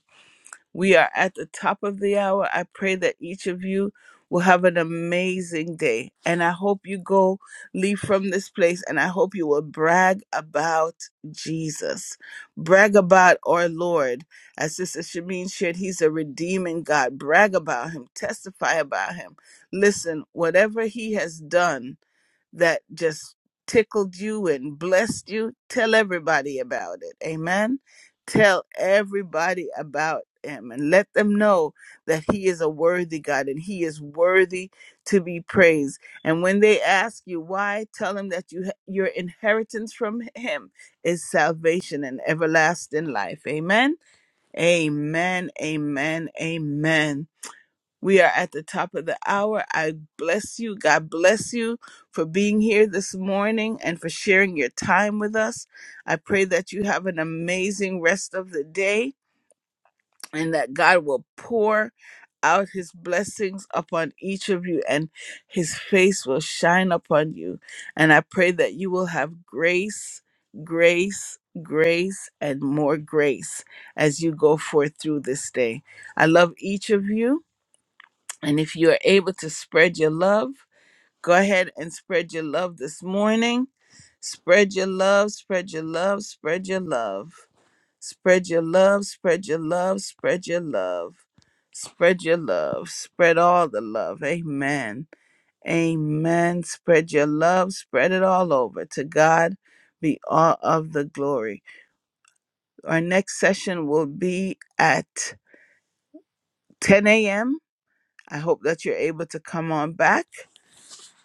S1: We are at the top of the hour. I pray that each of you will have an amazing day. And I hope you go leave from this place and I hope you will brag about Jesus. Brag about our Lord. As Sister Shamin shared, He's a redeeming God. Brag about Him. Testify about Him. Listen, whatever He has done, that just tickled you and blessed you, tell everybody about it. Amen. Tell everybody about him and let them know that he is a worthy God and he is worthy to be praised. And when they ask you why, tell them that you your inheritance from him is salvation and everlasting life. Amen. Amen. Amen. Amen. We are at the top of the hour. I bless you. God bless you for being here this morning and for sharing your time with us. I pray that you have an amazing rest of the day and that God will pour out his blessings upon each of you and his face will shine upon you. And I pray that you will have grace, grace, grace, and more grace as you go forth through this day. I love each of you and if you are able to spread your love, go ahead and spread your love this morning. Spread your love, spread your love, spread your love. Spread your love, spread your love, spread your love. Spread your love, spread all the love. Amen. Amen. Spread your love, spread it all over. To God be all of the glory. Our next session will be at 10 a.m. I hope that you're able to come on back.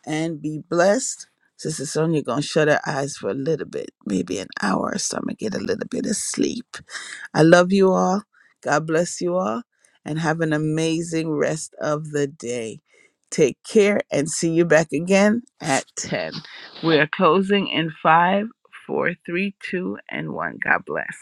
S1: and be blessed. Sister Sonia gonna shut her eyes for a little bit, maybe an hour or so. I'm gonna get a little bit of sleep. I love you all. God bless you all, and have an amazing rest of the day. Take care and see you back again at 10. We are closing in five, four, three, two, and 1. God bless.